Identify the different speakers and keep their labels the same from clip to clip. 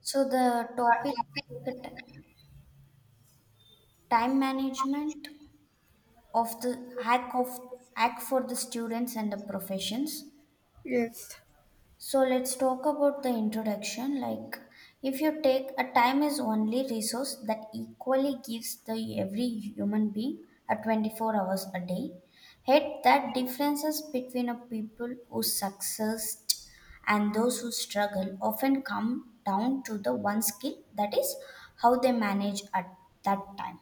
Speaker 1: So the topic time management of the hack of hack for the students and the professions.
Speaker 2: Yes,
Speaker 1: So let's talk about the introduction. Like, if you take a time is only resource that equally gives the every human being a 24 hours a day. Yet that differences between a people who succeed and those who struggle often come down to the one skill that is how they manage at that time.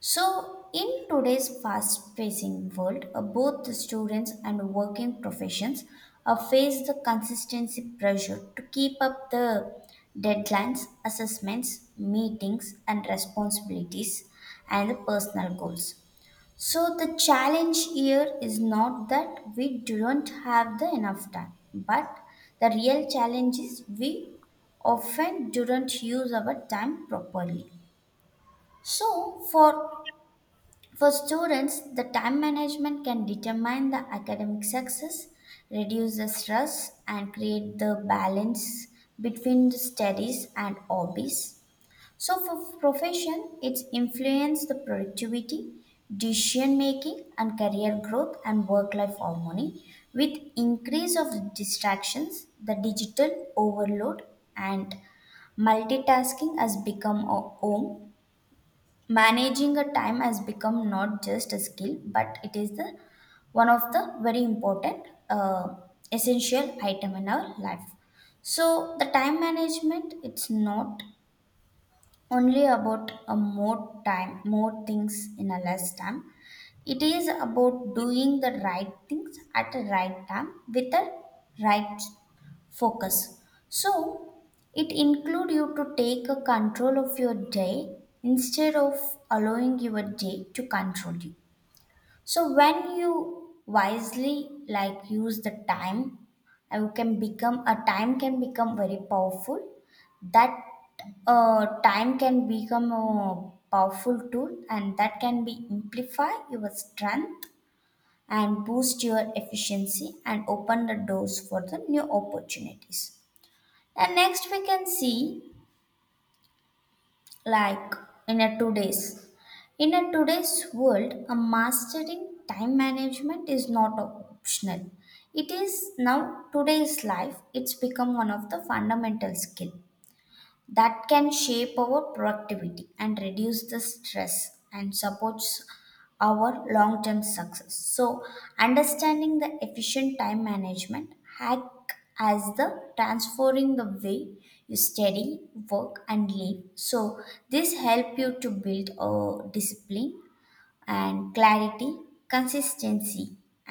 Speaker 1: So, in today's fast pacing world, both the students and working professions face the consistency pressure to keep up the deadlines, assessments, meetings, and responsibilities and the personal goals. So, the challenge here is not that we don't have the enough time, but the real challenge is we often don't use our time properly. So, for students, the time management can determine the academic success, reduce the stress, and create the balance between the studies and hobbies. So, for profession, it's influence the productivity, decision making, and career growth and work life harmony. With increase of distractions, the digital overload and multitasking has become a home managing a time has become not just a skill but it is the one of the very important essential item in our life. So the time management it's not only about a more time more things in a less time, it is about doing the right things at the right time with the right focus. So it include you to take a control of your day instead of allowing your day to control you. So when you wisely like use the time, you can become a time can become very powerful. That Time can become a powerful tool, and that can be amplify your strength and boost your efficiency and open the doors for the new opportunities. And next we can see like in a today's in a today's world a mastering time management is not optional. It is now today's life it's become one of the fundamental skill that can shape our productivity and reduce the stress and supports our long term success. So understanding the efficient time management hack as the transforming the way you study work and live. So this help you to build a discipline and clarity consistency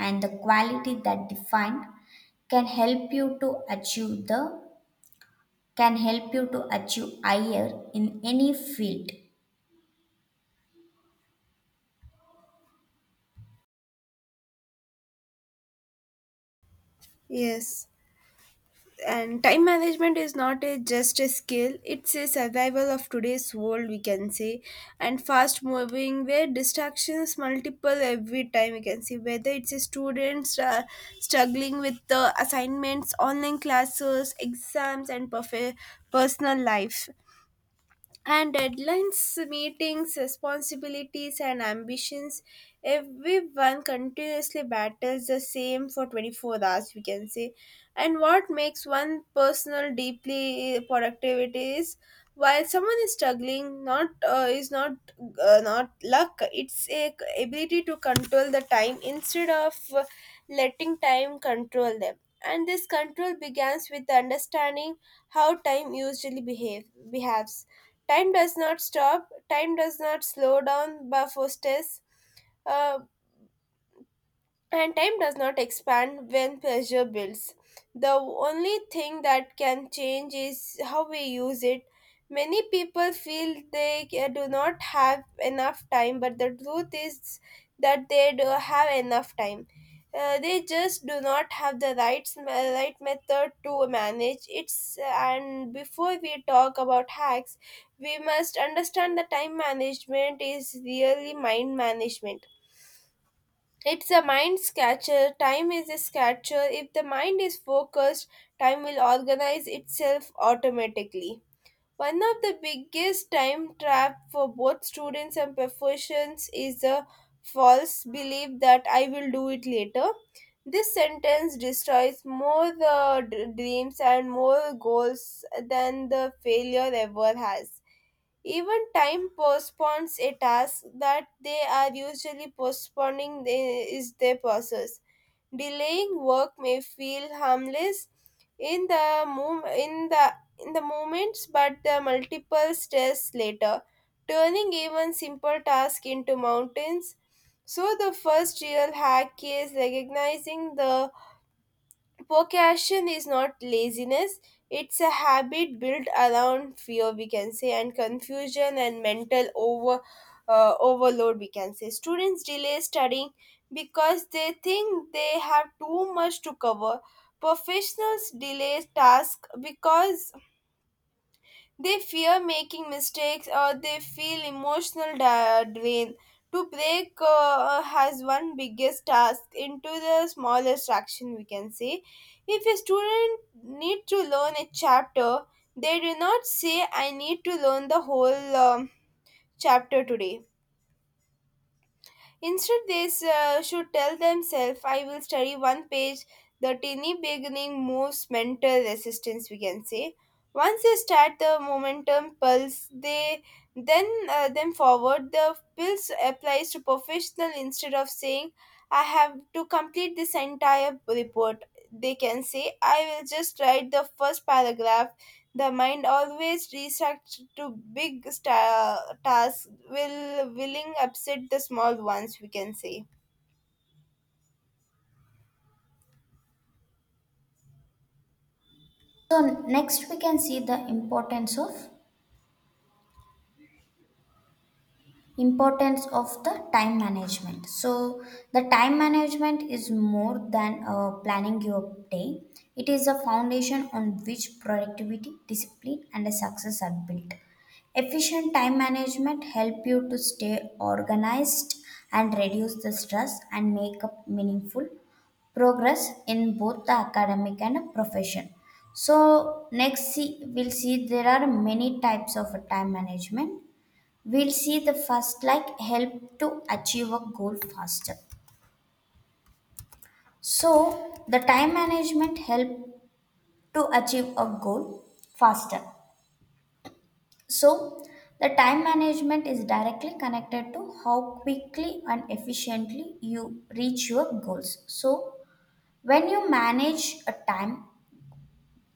Speaker 1: and the quality that defined can help you to achieve the can help you to achieve higher in any field.
Speaker 2: yes. And time management is not a just a skill, it's a survival of today's world, we can say. And fast moving, where distractions multiple every time, we can see whether it's a students struggling with the assignments, online classes, exams, and personal life. And deadlines, meetings, responsibilities, and ambitions. Everyone continuously battles the same for 24 hours, we can say. And what makes one personal deeply productivity is while someone is struggling, not is not not luck. It's a ability to control the time instead of letting time control them. And this control begins with understanding how time usually behaves. Time does not stop, time does not slow down by Faustus. And time does not expand when pressure builds. The only thing that can change is how we use it. Many people feel they do not have enough time, but the truth is that they do have enough time. They just do not have the right method to manage it. And before we talk about hacks, we must understand that time management is really mind management. It's a mind scatcher. Time is a scatcher. If the mind is focused, time will organize itself automatically. One of the biggest time trap for both students and professions is the false belief that I will do it later. This sentence destroys more the dreams and more goals than the failure ever has. Even time postpones a task that they are usually postponing the- is their process. Delaying work may feel harmless in the mom- in the in the moments, but the multiple stress later, turning even simple tasks into mountains. So the first real hack is recognizing the procrastination is not laziness, it's a habit built around fear, we can say, and confusion and mental overload, we can say. Students delay studying because they think they have too much to cover. Professionals delay tasks because they fear making mistakes or they feel emotional drain. To break has one biggest task into the smallest action, we can say. If a student need to learn a chapter, they do not say, I need to learn the whole chapter today. Instead, they should tell themselves, I will study one page. The tiny beginning moves mental resistance, we can say. Once they start the momentum pulse, they then them forward. The pulse applies to professional instead of saying, I have to complete this entire report. They can say, I will just write the first paragraph. The mind always reacts to big tasks, will willing upset the small ones, we can say.
Speaker 1: So next we can see the importance of the time management. So the time management is more than planning your day. It is a foundation on which productivity discipline and a success are built. Efficient time management help you to stay organized and reduce the stress and make up meaningful progress in both the academic and a profession. So next see, we'll see there are many types of a time management. Will see the first like help to achieve a goal faster. So the time management help to achieve a goal faster. So the time management is directly connected to how quickly and efficiently you reach your goals. So when you manage a time,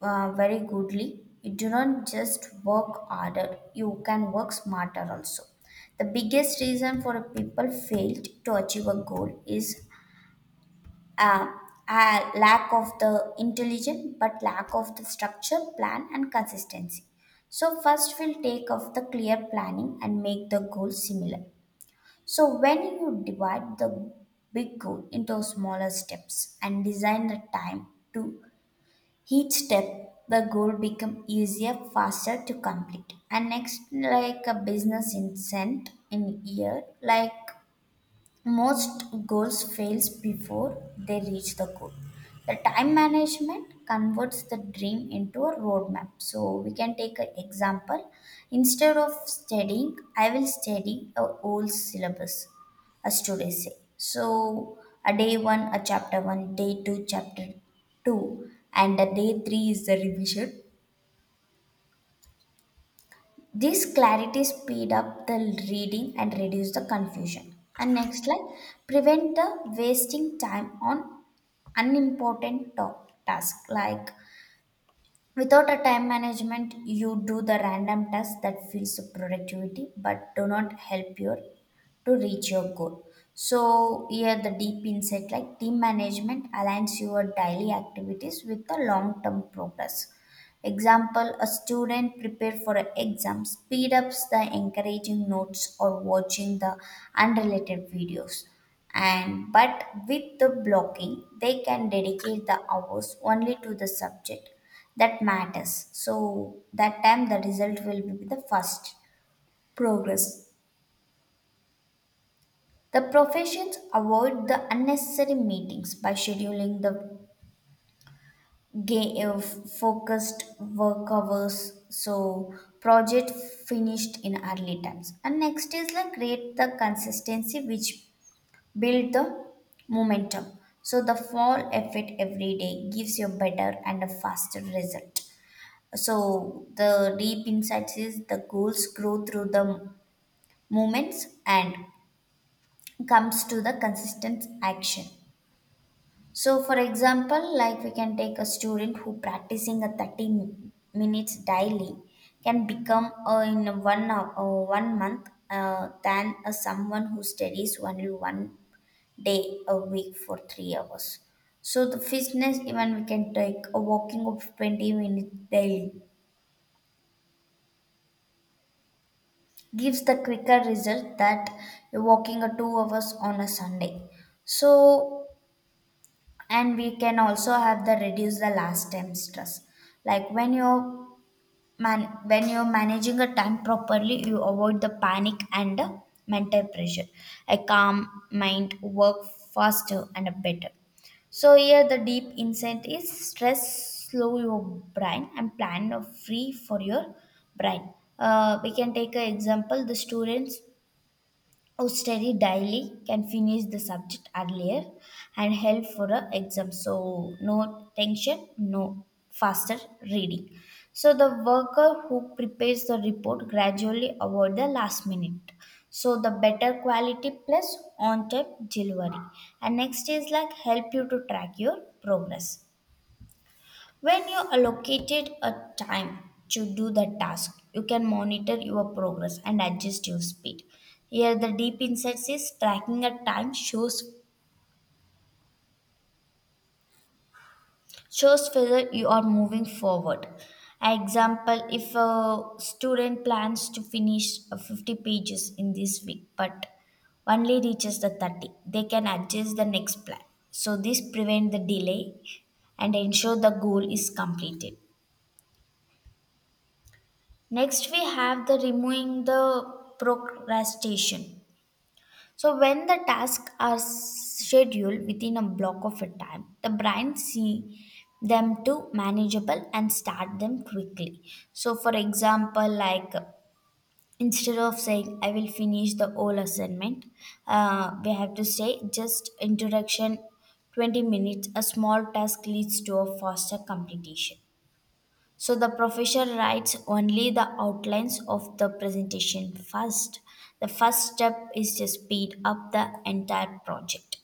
Speaker 1: very goodly you do not just work harder, you can work smarter also. The biggest reason for a people failed to achieve a goal is um, a lack of the intelligence but lack of the structure plan and consistency. So first we'll take off the clear planning and make the goal similar. So when you divide the big goal into smaller steps and design the time to each step, the goal become easier faster to complete. And next like a business incent in year like most goals fails before they reach the goal. The time management converts the dream into a roadmap. So we can take an example. Instead of studying, I will study a whole syllabus, as today say. So a day one, a chapter one, day two, chapter two, and a day three is the revision. This clarity speed up the reading and reduce the confusion. And next slide, prevent the wasting time on unimportant task like without a time management you do the random task that feels productivity but do not help your to reach your goal. So here the deep insight like team management aligns your daily activities with the long term progress. Example, a student prepare for an exam speed ups the encouraging notes or watching the unrelated videos. And but with the blocking, they can dedicate the hours only to the subject that matters. So that time the result will be the first progress. The professions avoid the unnecessary meetings by scheduling the focused work hours. So project finished in early times. And next is like create the consistency which build the momentum. So the fall effort every day gives you better and a faster result. So the deep insights is the goals grow through the moments and comes to the consistent action. So, for example, like we can take a student who practicing a minutes daily can become in 1 month than someone who studies only 1 day a week for 3 hours. So the fitness even we can take a walking of 20 minutes daily gives the quicker result that you're walking a 2 hours on a Sunday. So and we can also have the reduce the last time stress, like when you're man when you're managing a time properly you avoid the panic and the mental pressure. A calm mind work faster and better. So here the deep insight is stress slow your brain and plan a free for your brain. We can take an example, the students who study daily can finish the subject earlier and help for a exam. So no tension, no faster reading. So the worker who prepares the report gradually avoid the last minute. So the better quality plus on time delivery. And next is like help you to track your progress. When you allocated a time to do the task, you can monitor your progress and adjust your speed. Here, the deep insights is tracking a time shows whether you are moving forward. Example: if a student plans to finish 50 pages in this week, but only reaches the 30, they can adjust the next plan. So this prevent the delay and ensure the goal is completed. Next, we have the removing the procrastination. So, when the tasks are scheduled within a block of a time, the brain see them to manageable and start them quickly. So, for example, like instead of saying I will finish the whole assignment, we have to say just introduction 20 minutes. A small task leads to a faster completion. So the professor writes only the outlines of the presentation first. The first step is to speed up the entire project.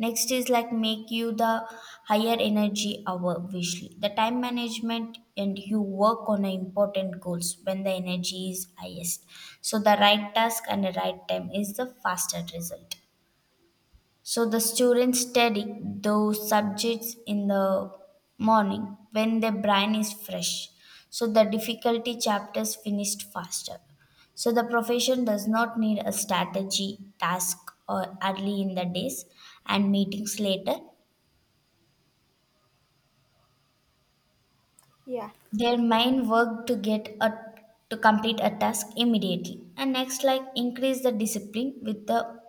Speaker 1: Next is like make you the higher energy hour visually. The time management and you work on the important goals when the energy is highest. So the right task and the right time is the faster result. So the students study those subjects in the morning when their brain is fresh. So the difficulty chapters finished faster. So the profession does not need a strategy task or early in the days and meetings later.
Speaker 2: Yeah,
Speaker 1: Their mind work to get a to complete a task immediately. And next like increase the discipline with the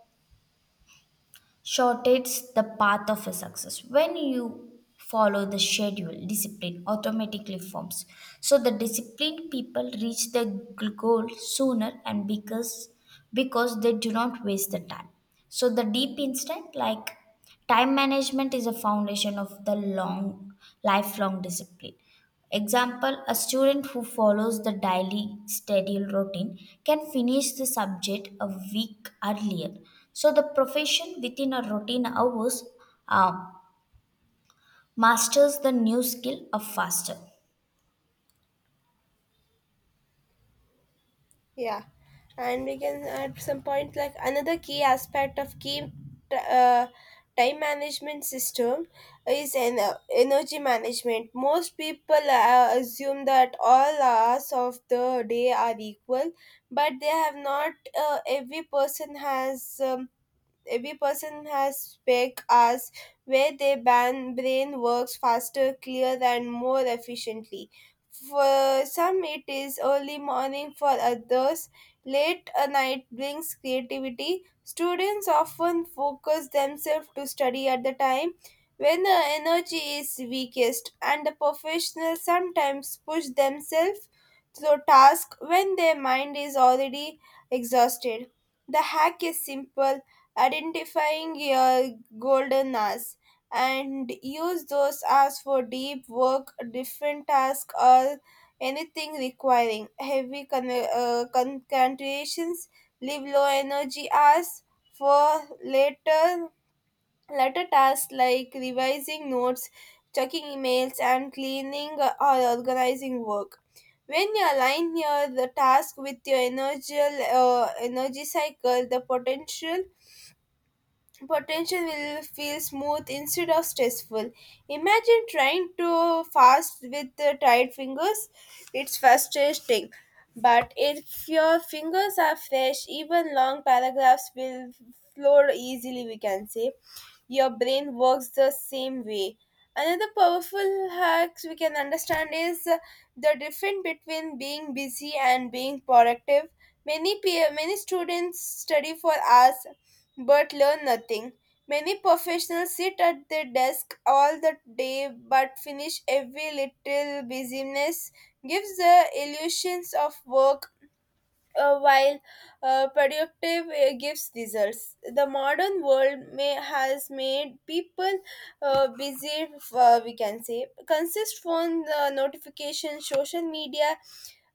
Speaker 1: shortens the path of a success. When you follow the schedule, discipline automatically forms. So the disciplined people reach the goal sooner and because they do not waste the time. So the deep instinct like time management is a foundation of the long lifelong discipline. Example, a student who follows the daily schedule routine can finish the subject a week earlier. So, the profession within a routine hours uh, masters the new skill of faster.
Speaker 2: yeah, and we can at some point like another key aspect of t- uh, time management system is energy management. Most people assume that all hours of the day are equal, but they have not. Uh, every person has. Um, every person has spec hours where their brain works faster, clearer, and more efficiently. For some, it is early morning, for others, late a night brings creativity. Students often focus themselves to study at the time when the energy is weakest, and the professionals sometimes push themselves through tasks when their mind is already exhausted. The hack is simple: identifying your golden hours and use those hours for deep work, different tasks, or anything requiring heavy concentrations. Leave low energy hours for later tasks like revising notes, checking emails, and cleaning or organizing work. When you align your the task with your energy cycle, the potential will feel smooth instead of stressful. Imagine trying to fast with tired fingers. It's frustrating. But if your fingers are fresh, even long paragraphs will flow easily, we can say. Your brain works the same way. Another powerful hacks we can understand is the difference between being busy and being productive. Many students study for hours but learn nothing. Many professionals sit at their desk all the day but finish every little busyness gives the illusions of work while productive gives results. The modern world may has made people busy. We can say consist phone notifications, social media,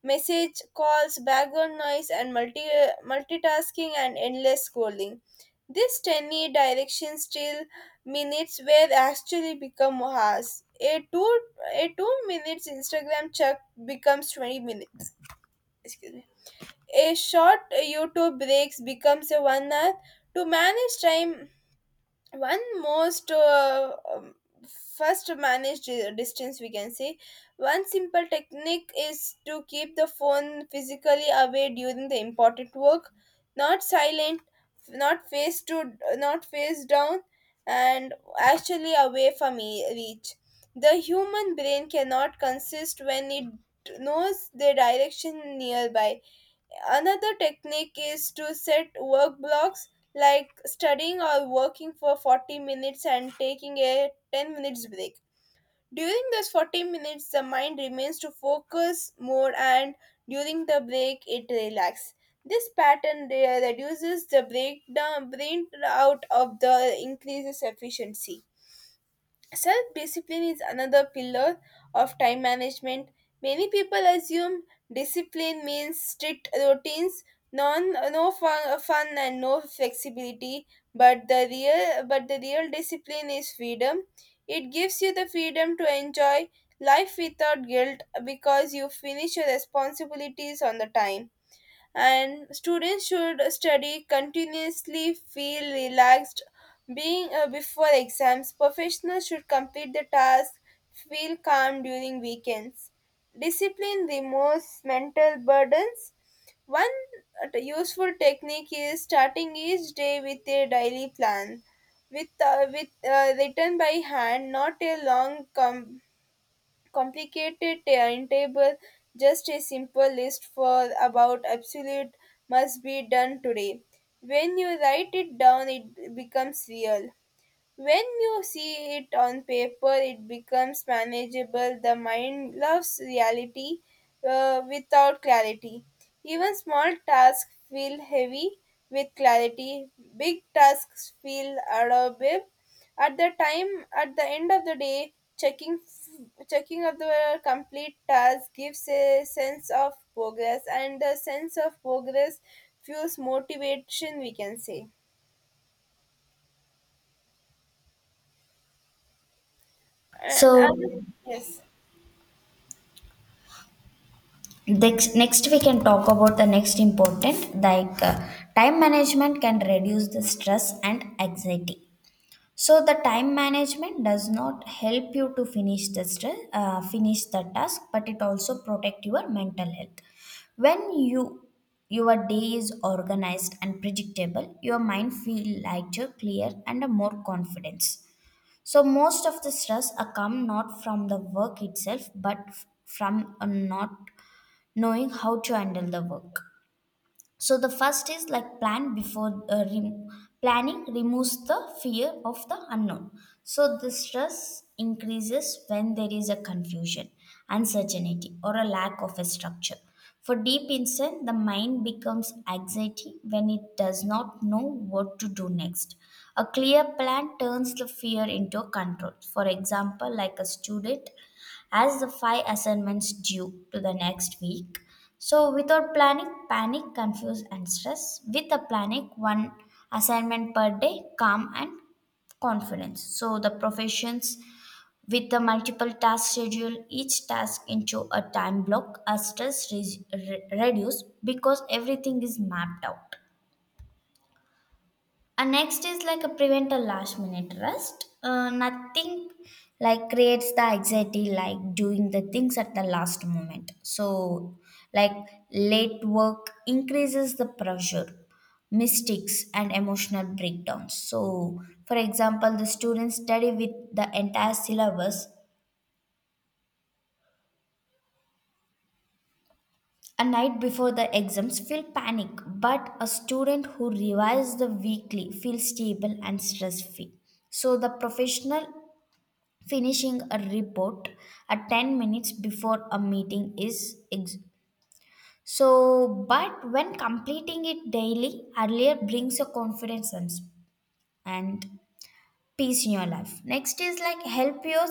Speaker 2: message calls, background noise, and multitasking and endless scrolling. This tiny direction still minutes were actually become hours. A two a 2 minutes Instagram check becomes 20 minutes. Excuse me, a short YouTube breaks becomes a 1 hour. To manage time, one most first to manage distance, we can say, one simple technique is to keep the phone physically away during the important work, not silent, not face down, and actually away from reach. The human brain cannot consist when it knows the direction nearby. Another technique is to set work blocks like studying or working for 40 minutes and taking a 10 minutes break. During those 40 minutes, the mind remains to focus more, and during the break, it relaxes. This pattern reduces the breakdown, brain out of the increases efficiency. Self discipline is another pillar of time management. Many people assume discipline means strict routines, no fun, and no flexibility. But the real discipline is freedom. It gives you the freedom to enjoy life without guilt because you finish your responsibilities on the time. And students should study continuously feel relaxed being before exams. Professionals should complete the task, feel calm during weekends. Discipline removes mental burdens. One useful technique is starting each day with a daily plan, with written by hand, not a complicated timetable, just a simple list for about absolute must be done today. When you write it down, it becomes real. When you see it on paper, it becomes manageable. The mind loves reality without clarity. Even small tasks feel heavy. With clarity, big tasks feel adorable. At the end of the day, checking checking of the complete task gives a sense of progress, and the sense of progress fuels motivation, we can say. Uh, and-
Speaker 1: So,
Speaker 2: yes.
Speaker 1: next we can talk about the next important like time management can reduce the stress and anxiety. So the time management does not help you to finish the stress, finish the task, but it also protect your mental health. When you your day is organized and predictable, your mind feel lighter, clear, and a more confidence. So most of the stress come not from the work itself, but from not knowing how to handle the work. So the first is like plan planning removes the fear of the unknown. So the stress increases when there is a confusion, uncertainty, or a lack of a structure. For deep insight, the mind becomes anxiety when it does not know what to do next. A clear plan turns the fear into a control. For example, like a student has the five assignments due to the next week. So, without planning, panic, confuse, and stress. With a panic, one assignment per day, calm and confidence. So, the professions with the multiple task schedule each task into a time block, a stress reduce because everything is mapped out. And next is like a prevent a last minute rest. Nothing like creates the anxiety like doing the things at the last moment. So, like late work increases the pressure, mistakes, and emotional breakdowns. So, for example, the students study with the entire syllabus a night before the exams feel panic, but a student who revises the weekly feels stable and stress free. So the professional finishing a report at 10 minutes before a meeting so but when completing it daily earlier brings a confidence and peace in your life. Next is like help your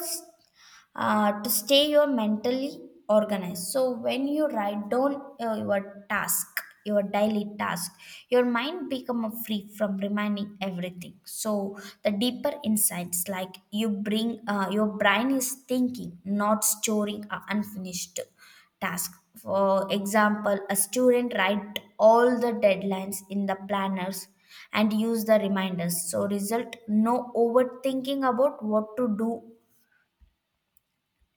Speaker 1: to stay your mentally organized. So when you write down your task your daily task your mind become free from reminding everything. So the deeper insights, like you bring your brain is thinking, not storing a unfinished task. For example, a student write all the deadlines in the planners and use the reminders, so result no overthinking about what to do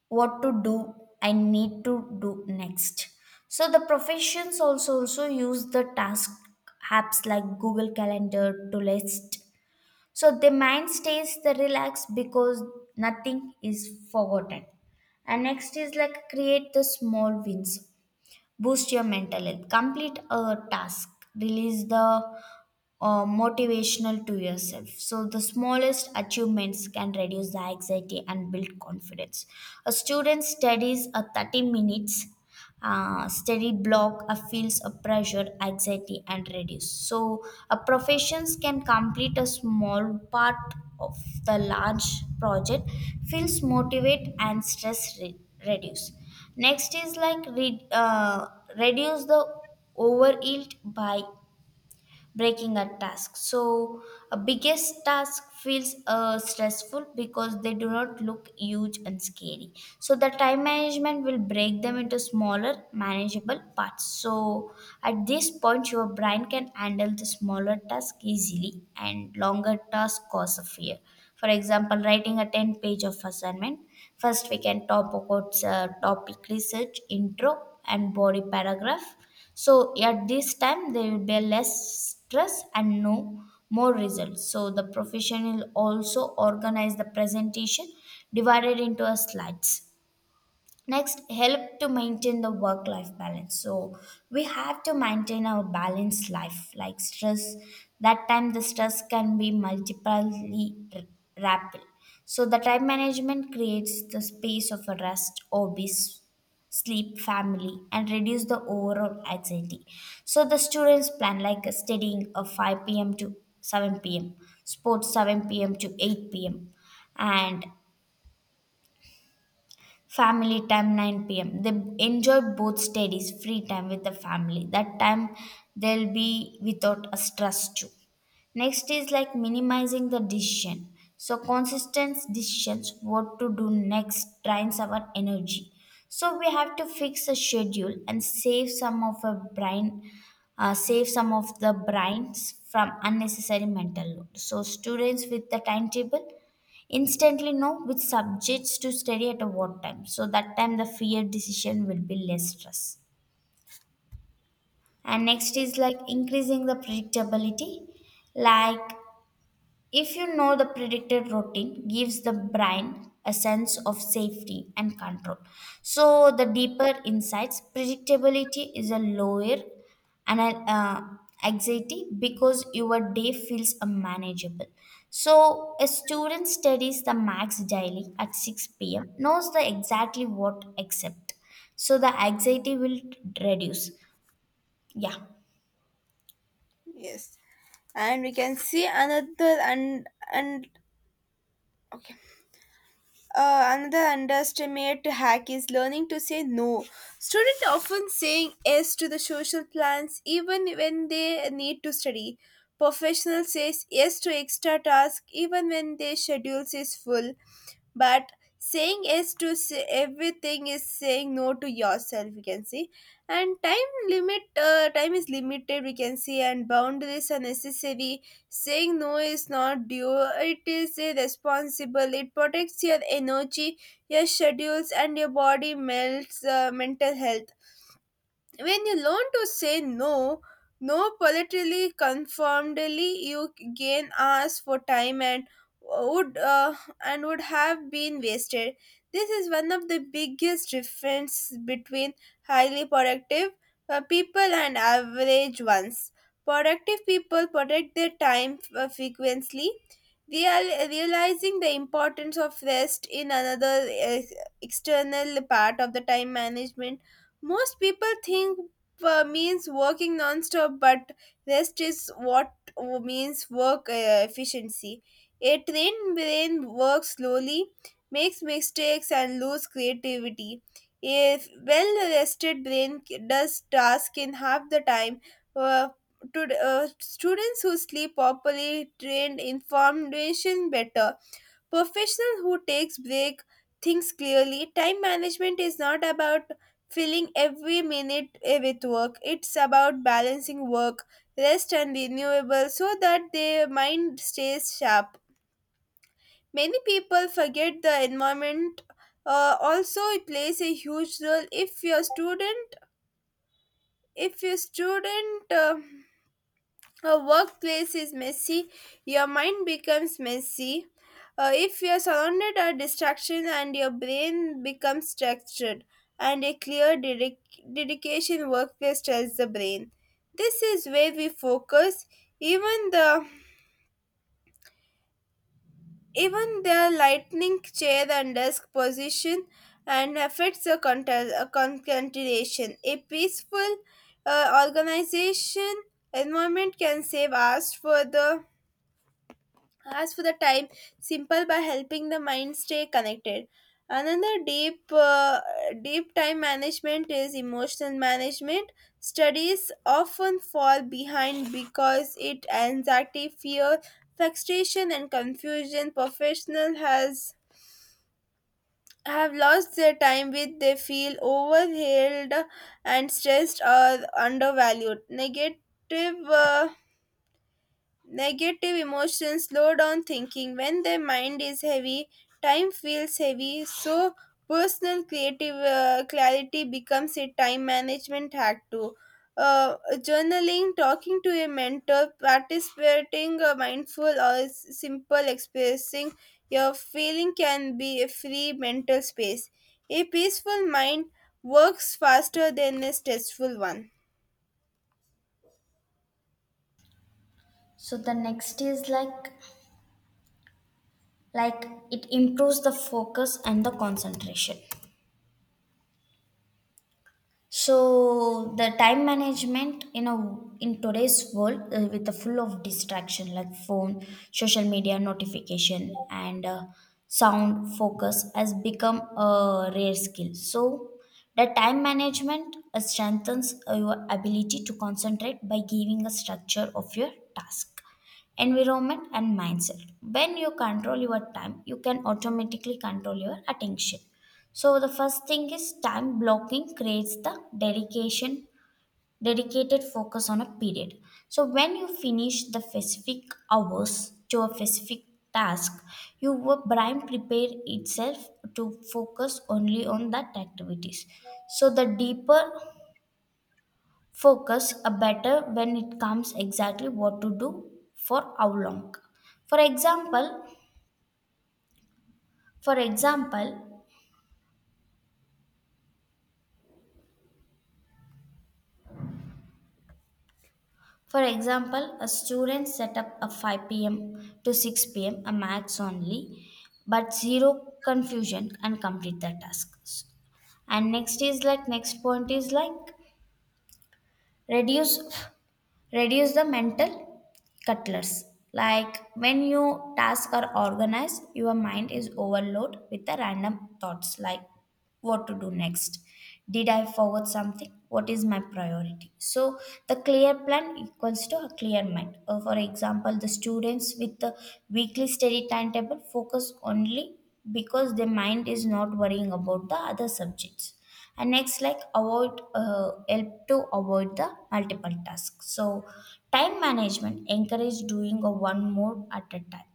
Speaker 1: what to do I need to do next. So the professions also use the task apps like Google Calendar to list. So the mind stays the relaxed because nothing is forgotten. And next is like create the small wins, boost your mental health, complete a task, release the motivational to yourself. So the smallest achievements can reduce the anxiety and build confidence. A student studies a 30 minutes study block feels a pressure, anxiety, and reduce. So a professions can complete a small part of the large project, feels motivate and stress reduce. Next is like reduce the overeat by breaking a task. So, a biggest task feels stressful because they do not look huge and scary. So, the time management will break them into smaller, manageable parts. So, at this point, your brain can handle the smaller task easily, and longer task cause a fear. For example, writing a 10 page of assignment. First, we can talk about topic research, intro, and body paragraph. So at this time there will be less stress and no more results. So the professional also organize the presentation divided into a slides. Next, help to maintain the work life balance. So, we have to maintain our balanced life, like stress. That time, the stress can be multiply rapid. So, the time management creates the space of a rest, hobbies, sleep, family, and reduce the overall anxiety. So, the students plan like a studying of 5 p.m. to 7 p.m., sports 7 p.m. to 8 p.m., and family time 9 p.m. they enjoy both studies free time with the family. That time they'll be without a stress too. Next is like minimizing the decision. So consistent decisions what to do next drains our energy, so we have to fix a schedule and save some of the brains from unnecessary mental load. So students with the timetable instantly know which subjects to study at a what time, so that time the fear decision will be less stress. And next is like increasing the predictability. Like if you know the predicted routine gives the brain a sense of safety and control. So the deeper insights, predictability is a lower and anxiety because your day feels manageable. So a student studies the max daily at 6 p.m. knows the exactly what accept. So the anxiety will reduce. Yeah.
Speaker 2: Yes, and we can see another and okay. Another underestimate hack is learning to say no. Students often saying yes to the social plans even when they need to study. Professional says yes to extra task even when their schedule is full, but saying yes to say everything is saying no to yourself, we can see. And time is limited, we can see, and boundaries are necessary. Saying no is not due, it is a responsible, it protects your energy, your schedules, and your body melts mental health. When you learn to say no, no politically conformedly, you gain hours for time would uh, and would have been wasted. This is one of the biggest difference between highly productive people and average ones. Productive people protect their time frequently. Realizing the importance of rest in another external part of the time management. Most people think means working non-stop, but rest is what means work efficiency. A trained brain works slowly, makes mistakes, and loses creativity. A well-rested brain does task in half the time. Uh, Students who sleep properly trained information better. Professional who takes break thinks clearly. Time management is not about filling every minute with work, it's about balancing work, rest, and renewable so that their mind stays sharp. Many people forget the environment also plays a huge role. If your student a workplace is messy, your mind becomes messy. If you're surrounded by distractions and your brain becomes structured, and a clear dedication workplace tells the brain, this is where we focus. Even the Even their lightning chair and desk position and affects the continuation. A peaceful organization environment can save us for the as for the time, simple by helping the mind stay connected. Another deep time management is emotional management. Studies often fall behind because it anxiety, fear, frustration, and confusion. Professional has have lost their time with they feel overwhelmed and stressed or undervalued. Negative emotions slow down thinking. When the mind is heavy, time feels heavy. So, personal creative clarity becomes a time management hack too. Uh, Journaling, talking to a mentor, participating mindful or simple expressing your feeling can be a free mental space. A peaceful mind works faster than a stressful one.
Speaker 1: So the next is like it improves the focus and the concentration. So the time management, in today's world, with the full of distraction like phone, social media notification, and sound focus has become a rare skill. So the time management strengthens your ability to concentrate by giving a structure of your task, environment and mindset. When you control your time, you can automatically control your attention. So the first thing is time blocking creates the dedicated focus on a period. So when you finish the specific hours to a specific task, your brain prepare itself to focus only on that activities. So the deeper focus, a better when it comes exactly what to do for how long. For example, for example, For example, a student set up a 5 p.m. to 6 p.m. a max only, but zero confusion and complete the tasks. And next is like reduce reduce the mental cutlers. Like when your tasks are organized your mind is overloaded with the random thoughts like what to do next, did I forward something, what is my priority? So the clear plan equals to a clear mind. For example, the students with the weekly study timetable focus only because their mind is not worrying about the other subjects. And next like avoid help to avoid the multiple tasks. So time management encourage doing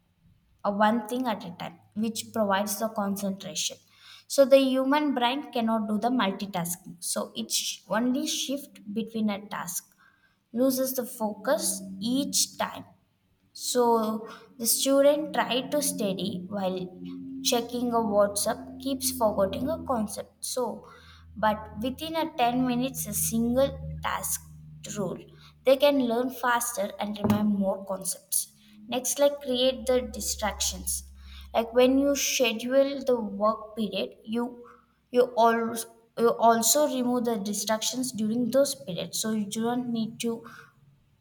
Speaker 1: a one thing at a time, which provides the concentration. So the human brain cannot do the multitasking, so it only shift between a task, loses the focus each time. So the student tried to study while checking a WhatsApp, keeps forgetting a concept. So, but within a 10 minutes, a single task rule, they can learn faster and remember more concepts. Next, like create the distractions. Like when you schedule the work period, you always you also remove the distractions during those periods, so you do not need to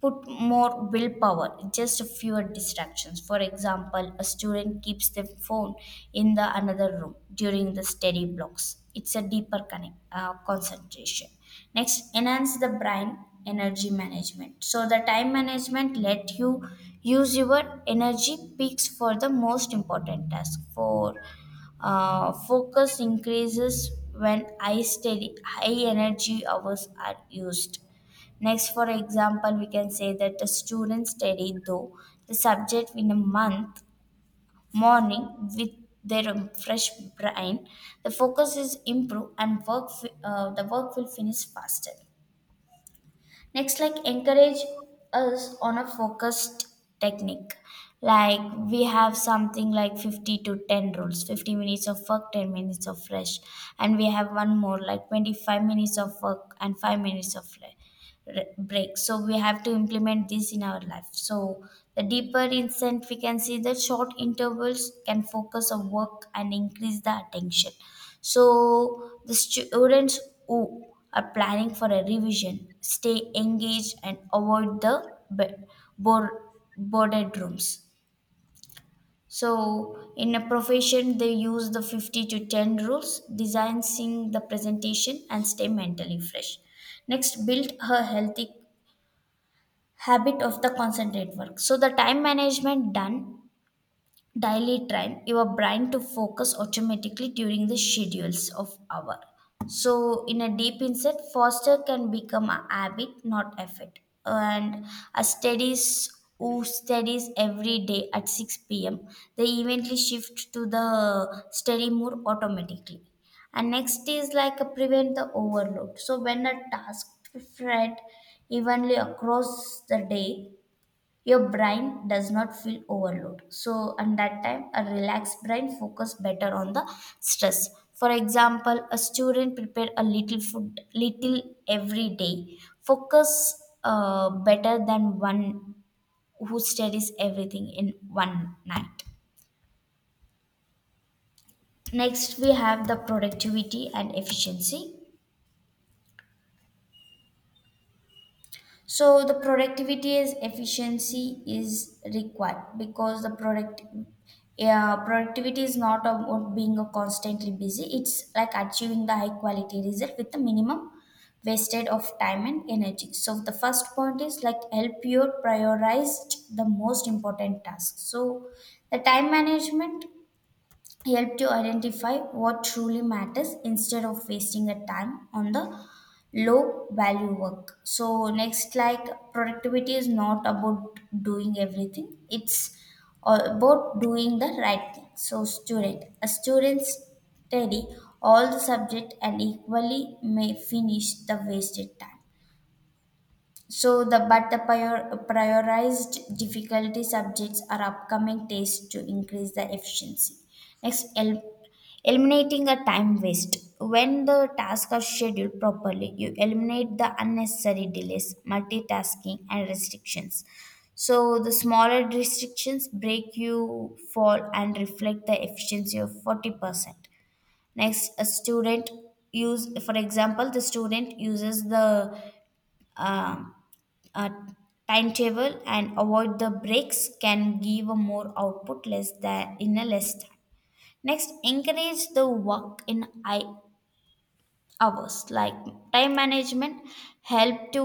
Speaker 1: put more willpower, just fewer distractions. For example, a student keeps their phone in the another room during the study blocks. It's a deeper concentration. Next, enhance the brain energy management. So the time management let you use your energy peaks for the most important task. For Focus increases when high energy hours are used. Next, for example, we can say that the students study though the subject in a month morning with their fresh brain. The focus is improved and the work will finish faster. Next, like encourage us on a focused technique. Like we have something like 50 to 10 rules, 50 minutes of work, 10 minutes of rest, and we have one more like 25 minutes of work and 5 minutes of break. So we have to implement this in our life. So the deeper insight we can see that short intervals can focus on work and increase the attention. So the students who are planning for a revision stay engaged and avoid the bor- boarded rooms. So in a profession, they use the 50 to 10 rules, design, sing the presentation, and stay mentally fresh. Next, build a healthy habit of the concentrate work. So the time management done daily train your brain to focus automatically during the schedules of hour. So in a deep insight, foster can become a habit not effort. And a studies who studies every day at 6 p.m. they eventually shift to the study more automatically. And next is like a prevent the overload. So when a task spread evenly across the day, your brain does not feel overload. So and that time a relaxed brain focus better on the stress. For example, a student prepare a little food little every day focus better than one who studies everything in one night. Next, we have the productivity and efficiency. So the productivity is efficiency is required because productivity is not about being a constantly busy. It's like achieving the high quality result with the minimum wasted of time and energy. So the first point is like help you prioritize the most important tasks. So the time management help to identify what truly matters instead of wasting a time on the low value work. So next, like productivity is not about doing everything, it's about doing the right thing. So student a student study all the subject and equally may finish the wasted time. So the but the prior, prioritized difficulty subjects are upcoming tests to increase the efficiency. Next, eliminating a time waste. When the tasks are scheduled properly, you eliminate the unnecessary delays, multitasking, and restrictions. So the smaller restrictions break you fall and reflect the efficiency of 40%. Next, a student use, for example, the student uses the uh uh, timetable and avoid the breaks can give a more output less than in a less time. Next, encourage the work in I hours. Like time management help to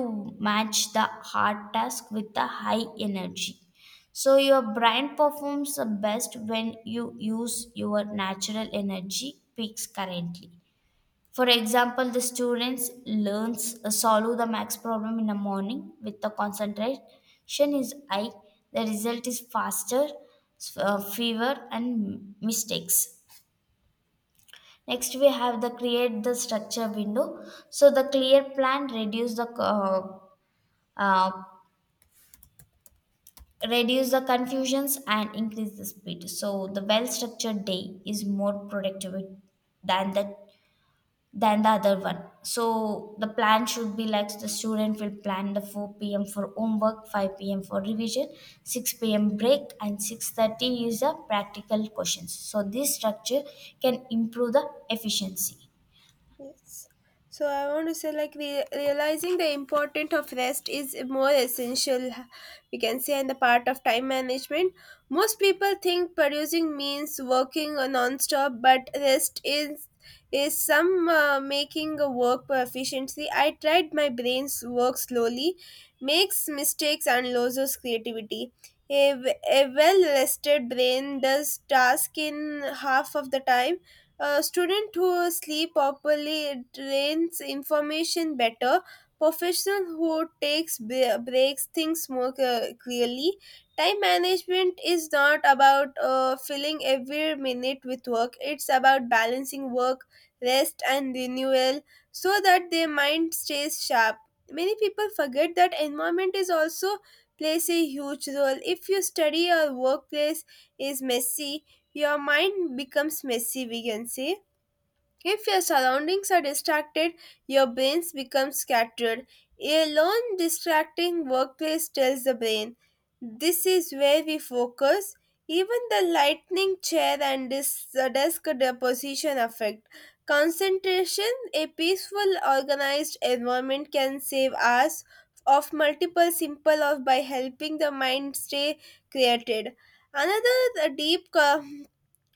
Speaker 1: match the hard task with the high energy. So your brain performs the best when you use your natural energy peaks currently. For example, the students learns solve the max problem in the morning with the concentration is high. The result is faster, fewer and mistakes. Next, we have the create the structure window. So the clear plan uh, reduce the confusions and increase the speed. So the well structured day is more productive than the than the other one. So the plan should be like the student will plan the 4 p.m. for homework, 5 p.m. for revision, 6 p.m. break, and 6:30 is the practical questions. So this structure can improve the efficiency.
Speaker 2: Yes. So I want to say like realizing the importance of rest is more essential, we can say, in the part of time management. Most people think producing means working non-stop, but rest is some making a work efficiently. I tried my brain's work slowly, makes mistakes and loses creativity. A well rested brain does task in half of the time. A student who sleep properly retains information better. Professional who takes breaks things more clearly. Time management is not about filling every minute with work. It's about balancing work, rest, and renewal so that their mind stays sharp. Many people forget that environment is also plays a huge role. If your study or workplace is messy, your mind becomes messy, we can say. If your surroundings are distracted, your brains become scattered. A lone distracting workplace tells the brain, this is where we focus. Even the lightning chair and this the desk the position affect concentration. A peaceful, organized environment can save us of multiple simple of by helping the mind stay created. Another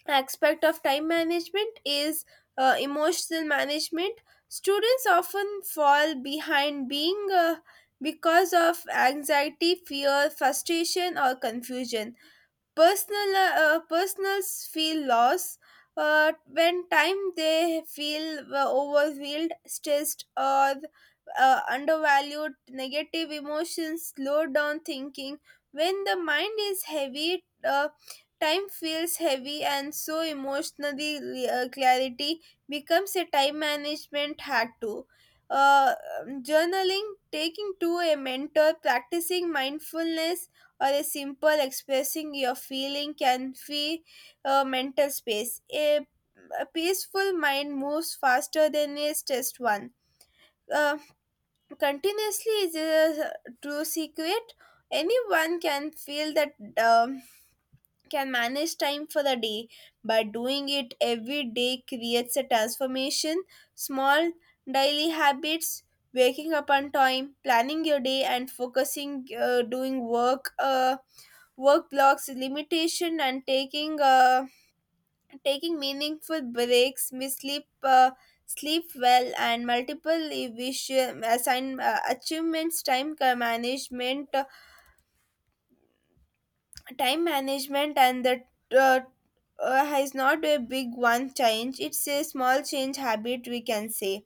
Speaker 2: aspect of time management is emotional management. Students often fall behind being because of anxiety, fear, frustration, or confusion. personal Personals feel loss when time they feel overwhelmed, stressed, or undervalued. Negative emotions slow down thinking. When the mind is heavy, time feels heavy, and so emotionally clarity becomes a time management hack too. uh, Journaling, taking to a mentor, practicing mindfulness, or a simple expressing your feeling can free mental space. A peaceful mind moves faster than a stressed one. Uh, Continuously is a true secret. Anyone can feel that um, can manage time for the day, but doing it every day creates a transformation. Small daily habits: waking up on time, planning your day, and focusing doing work work blocks limitation, and taking meaningful breaks, we sleep sleep well and multiple wish assign achievements. Time management and the uh, is not a big one change, it's a small change habit, we can say.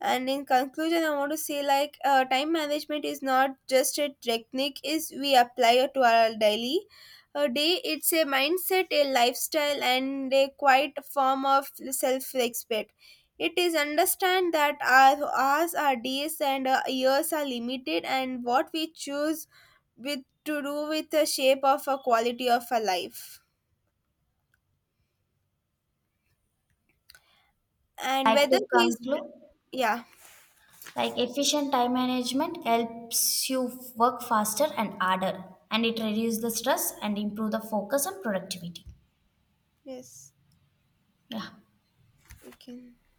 Speaker 2: And in conclusion, I want to say like time management is not just a technique is we apply it to our daily day, it's a mindset, a lifestyle, and a quiet form of self-respect. It is understand that our hours, our days, and our years are limited, and what we choose with to do with the shape of a quality of a life, and
Speaker 1: Like
Speaker 2: whether
Speaker 1: to
Speaker 2: we
Speaker 1: conclude,
Speaker 2: yeah
Speaker 1: like efficient time management helps you work faster and harder, and it reduces the stress and improve the focus and productivity.
Speaker 2: yes
Speaker 1: Yeah.
Speaker 2: we can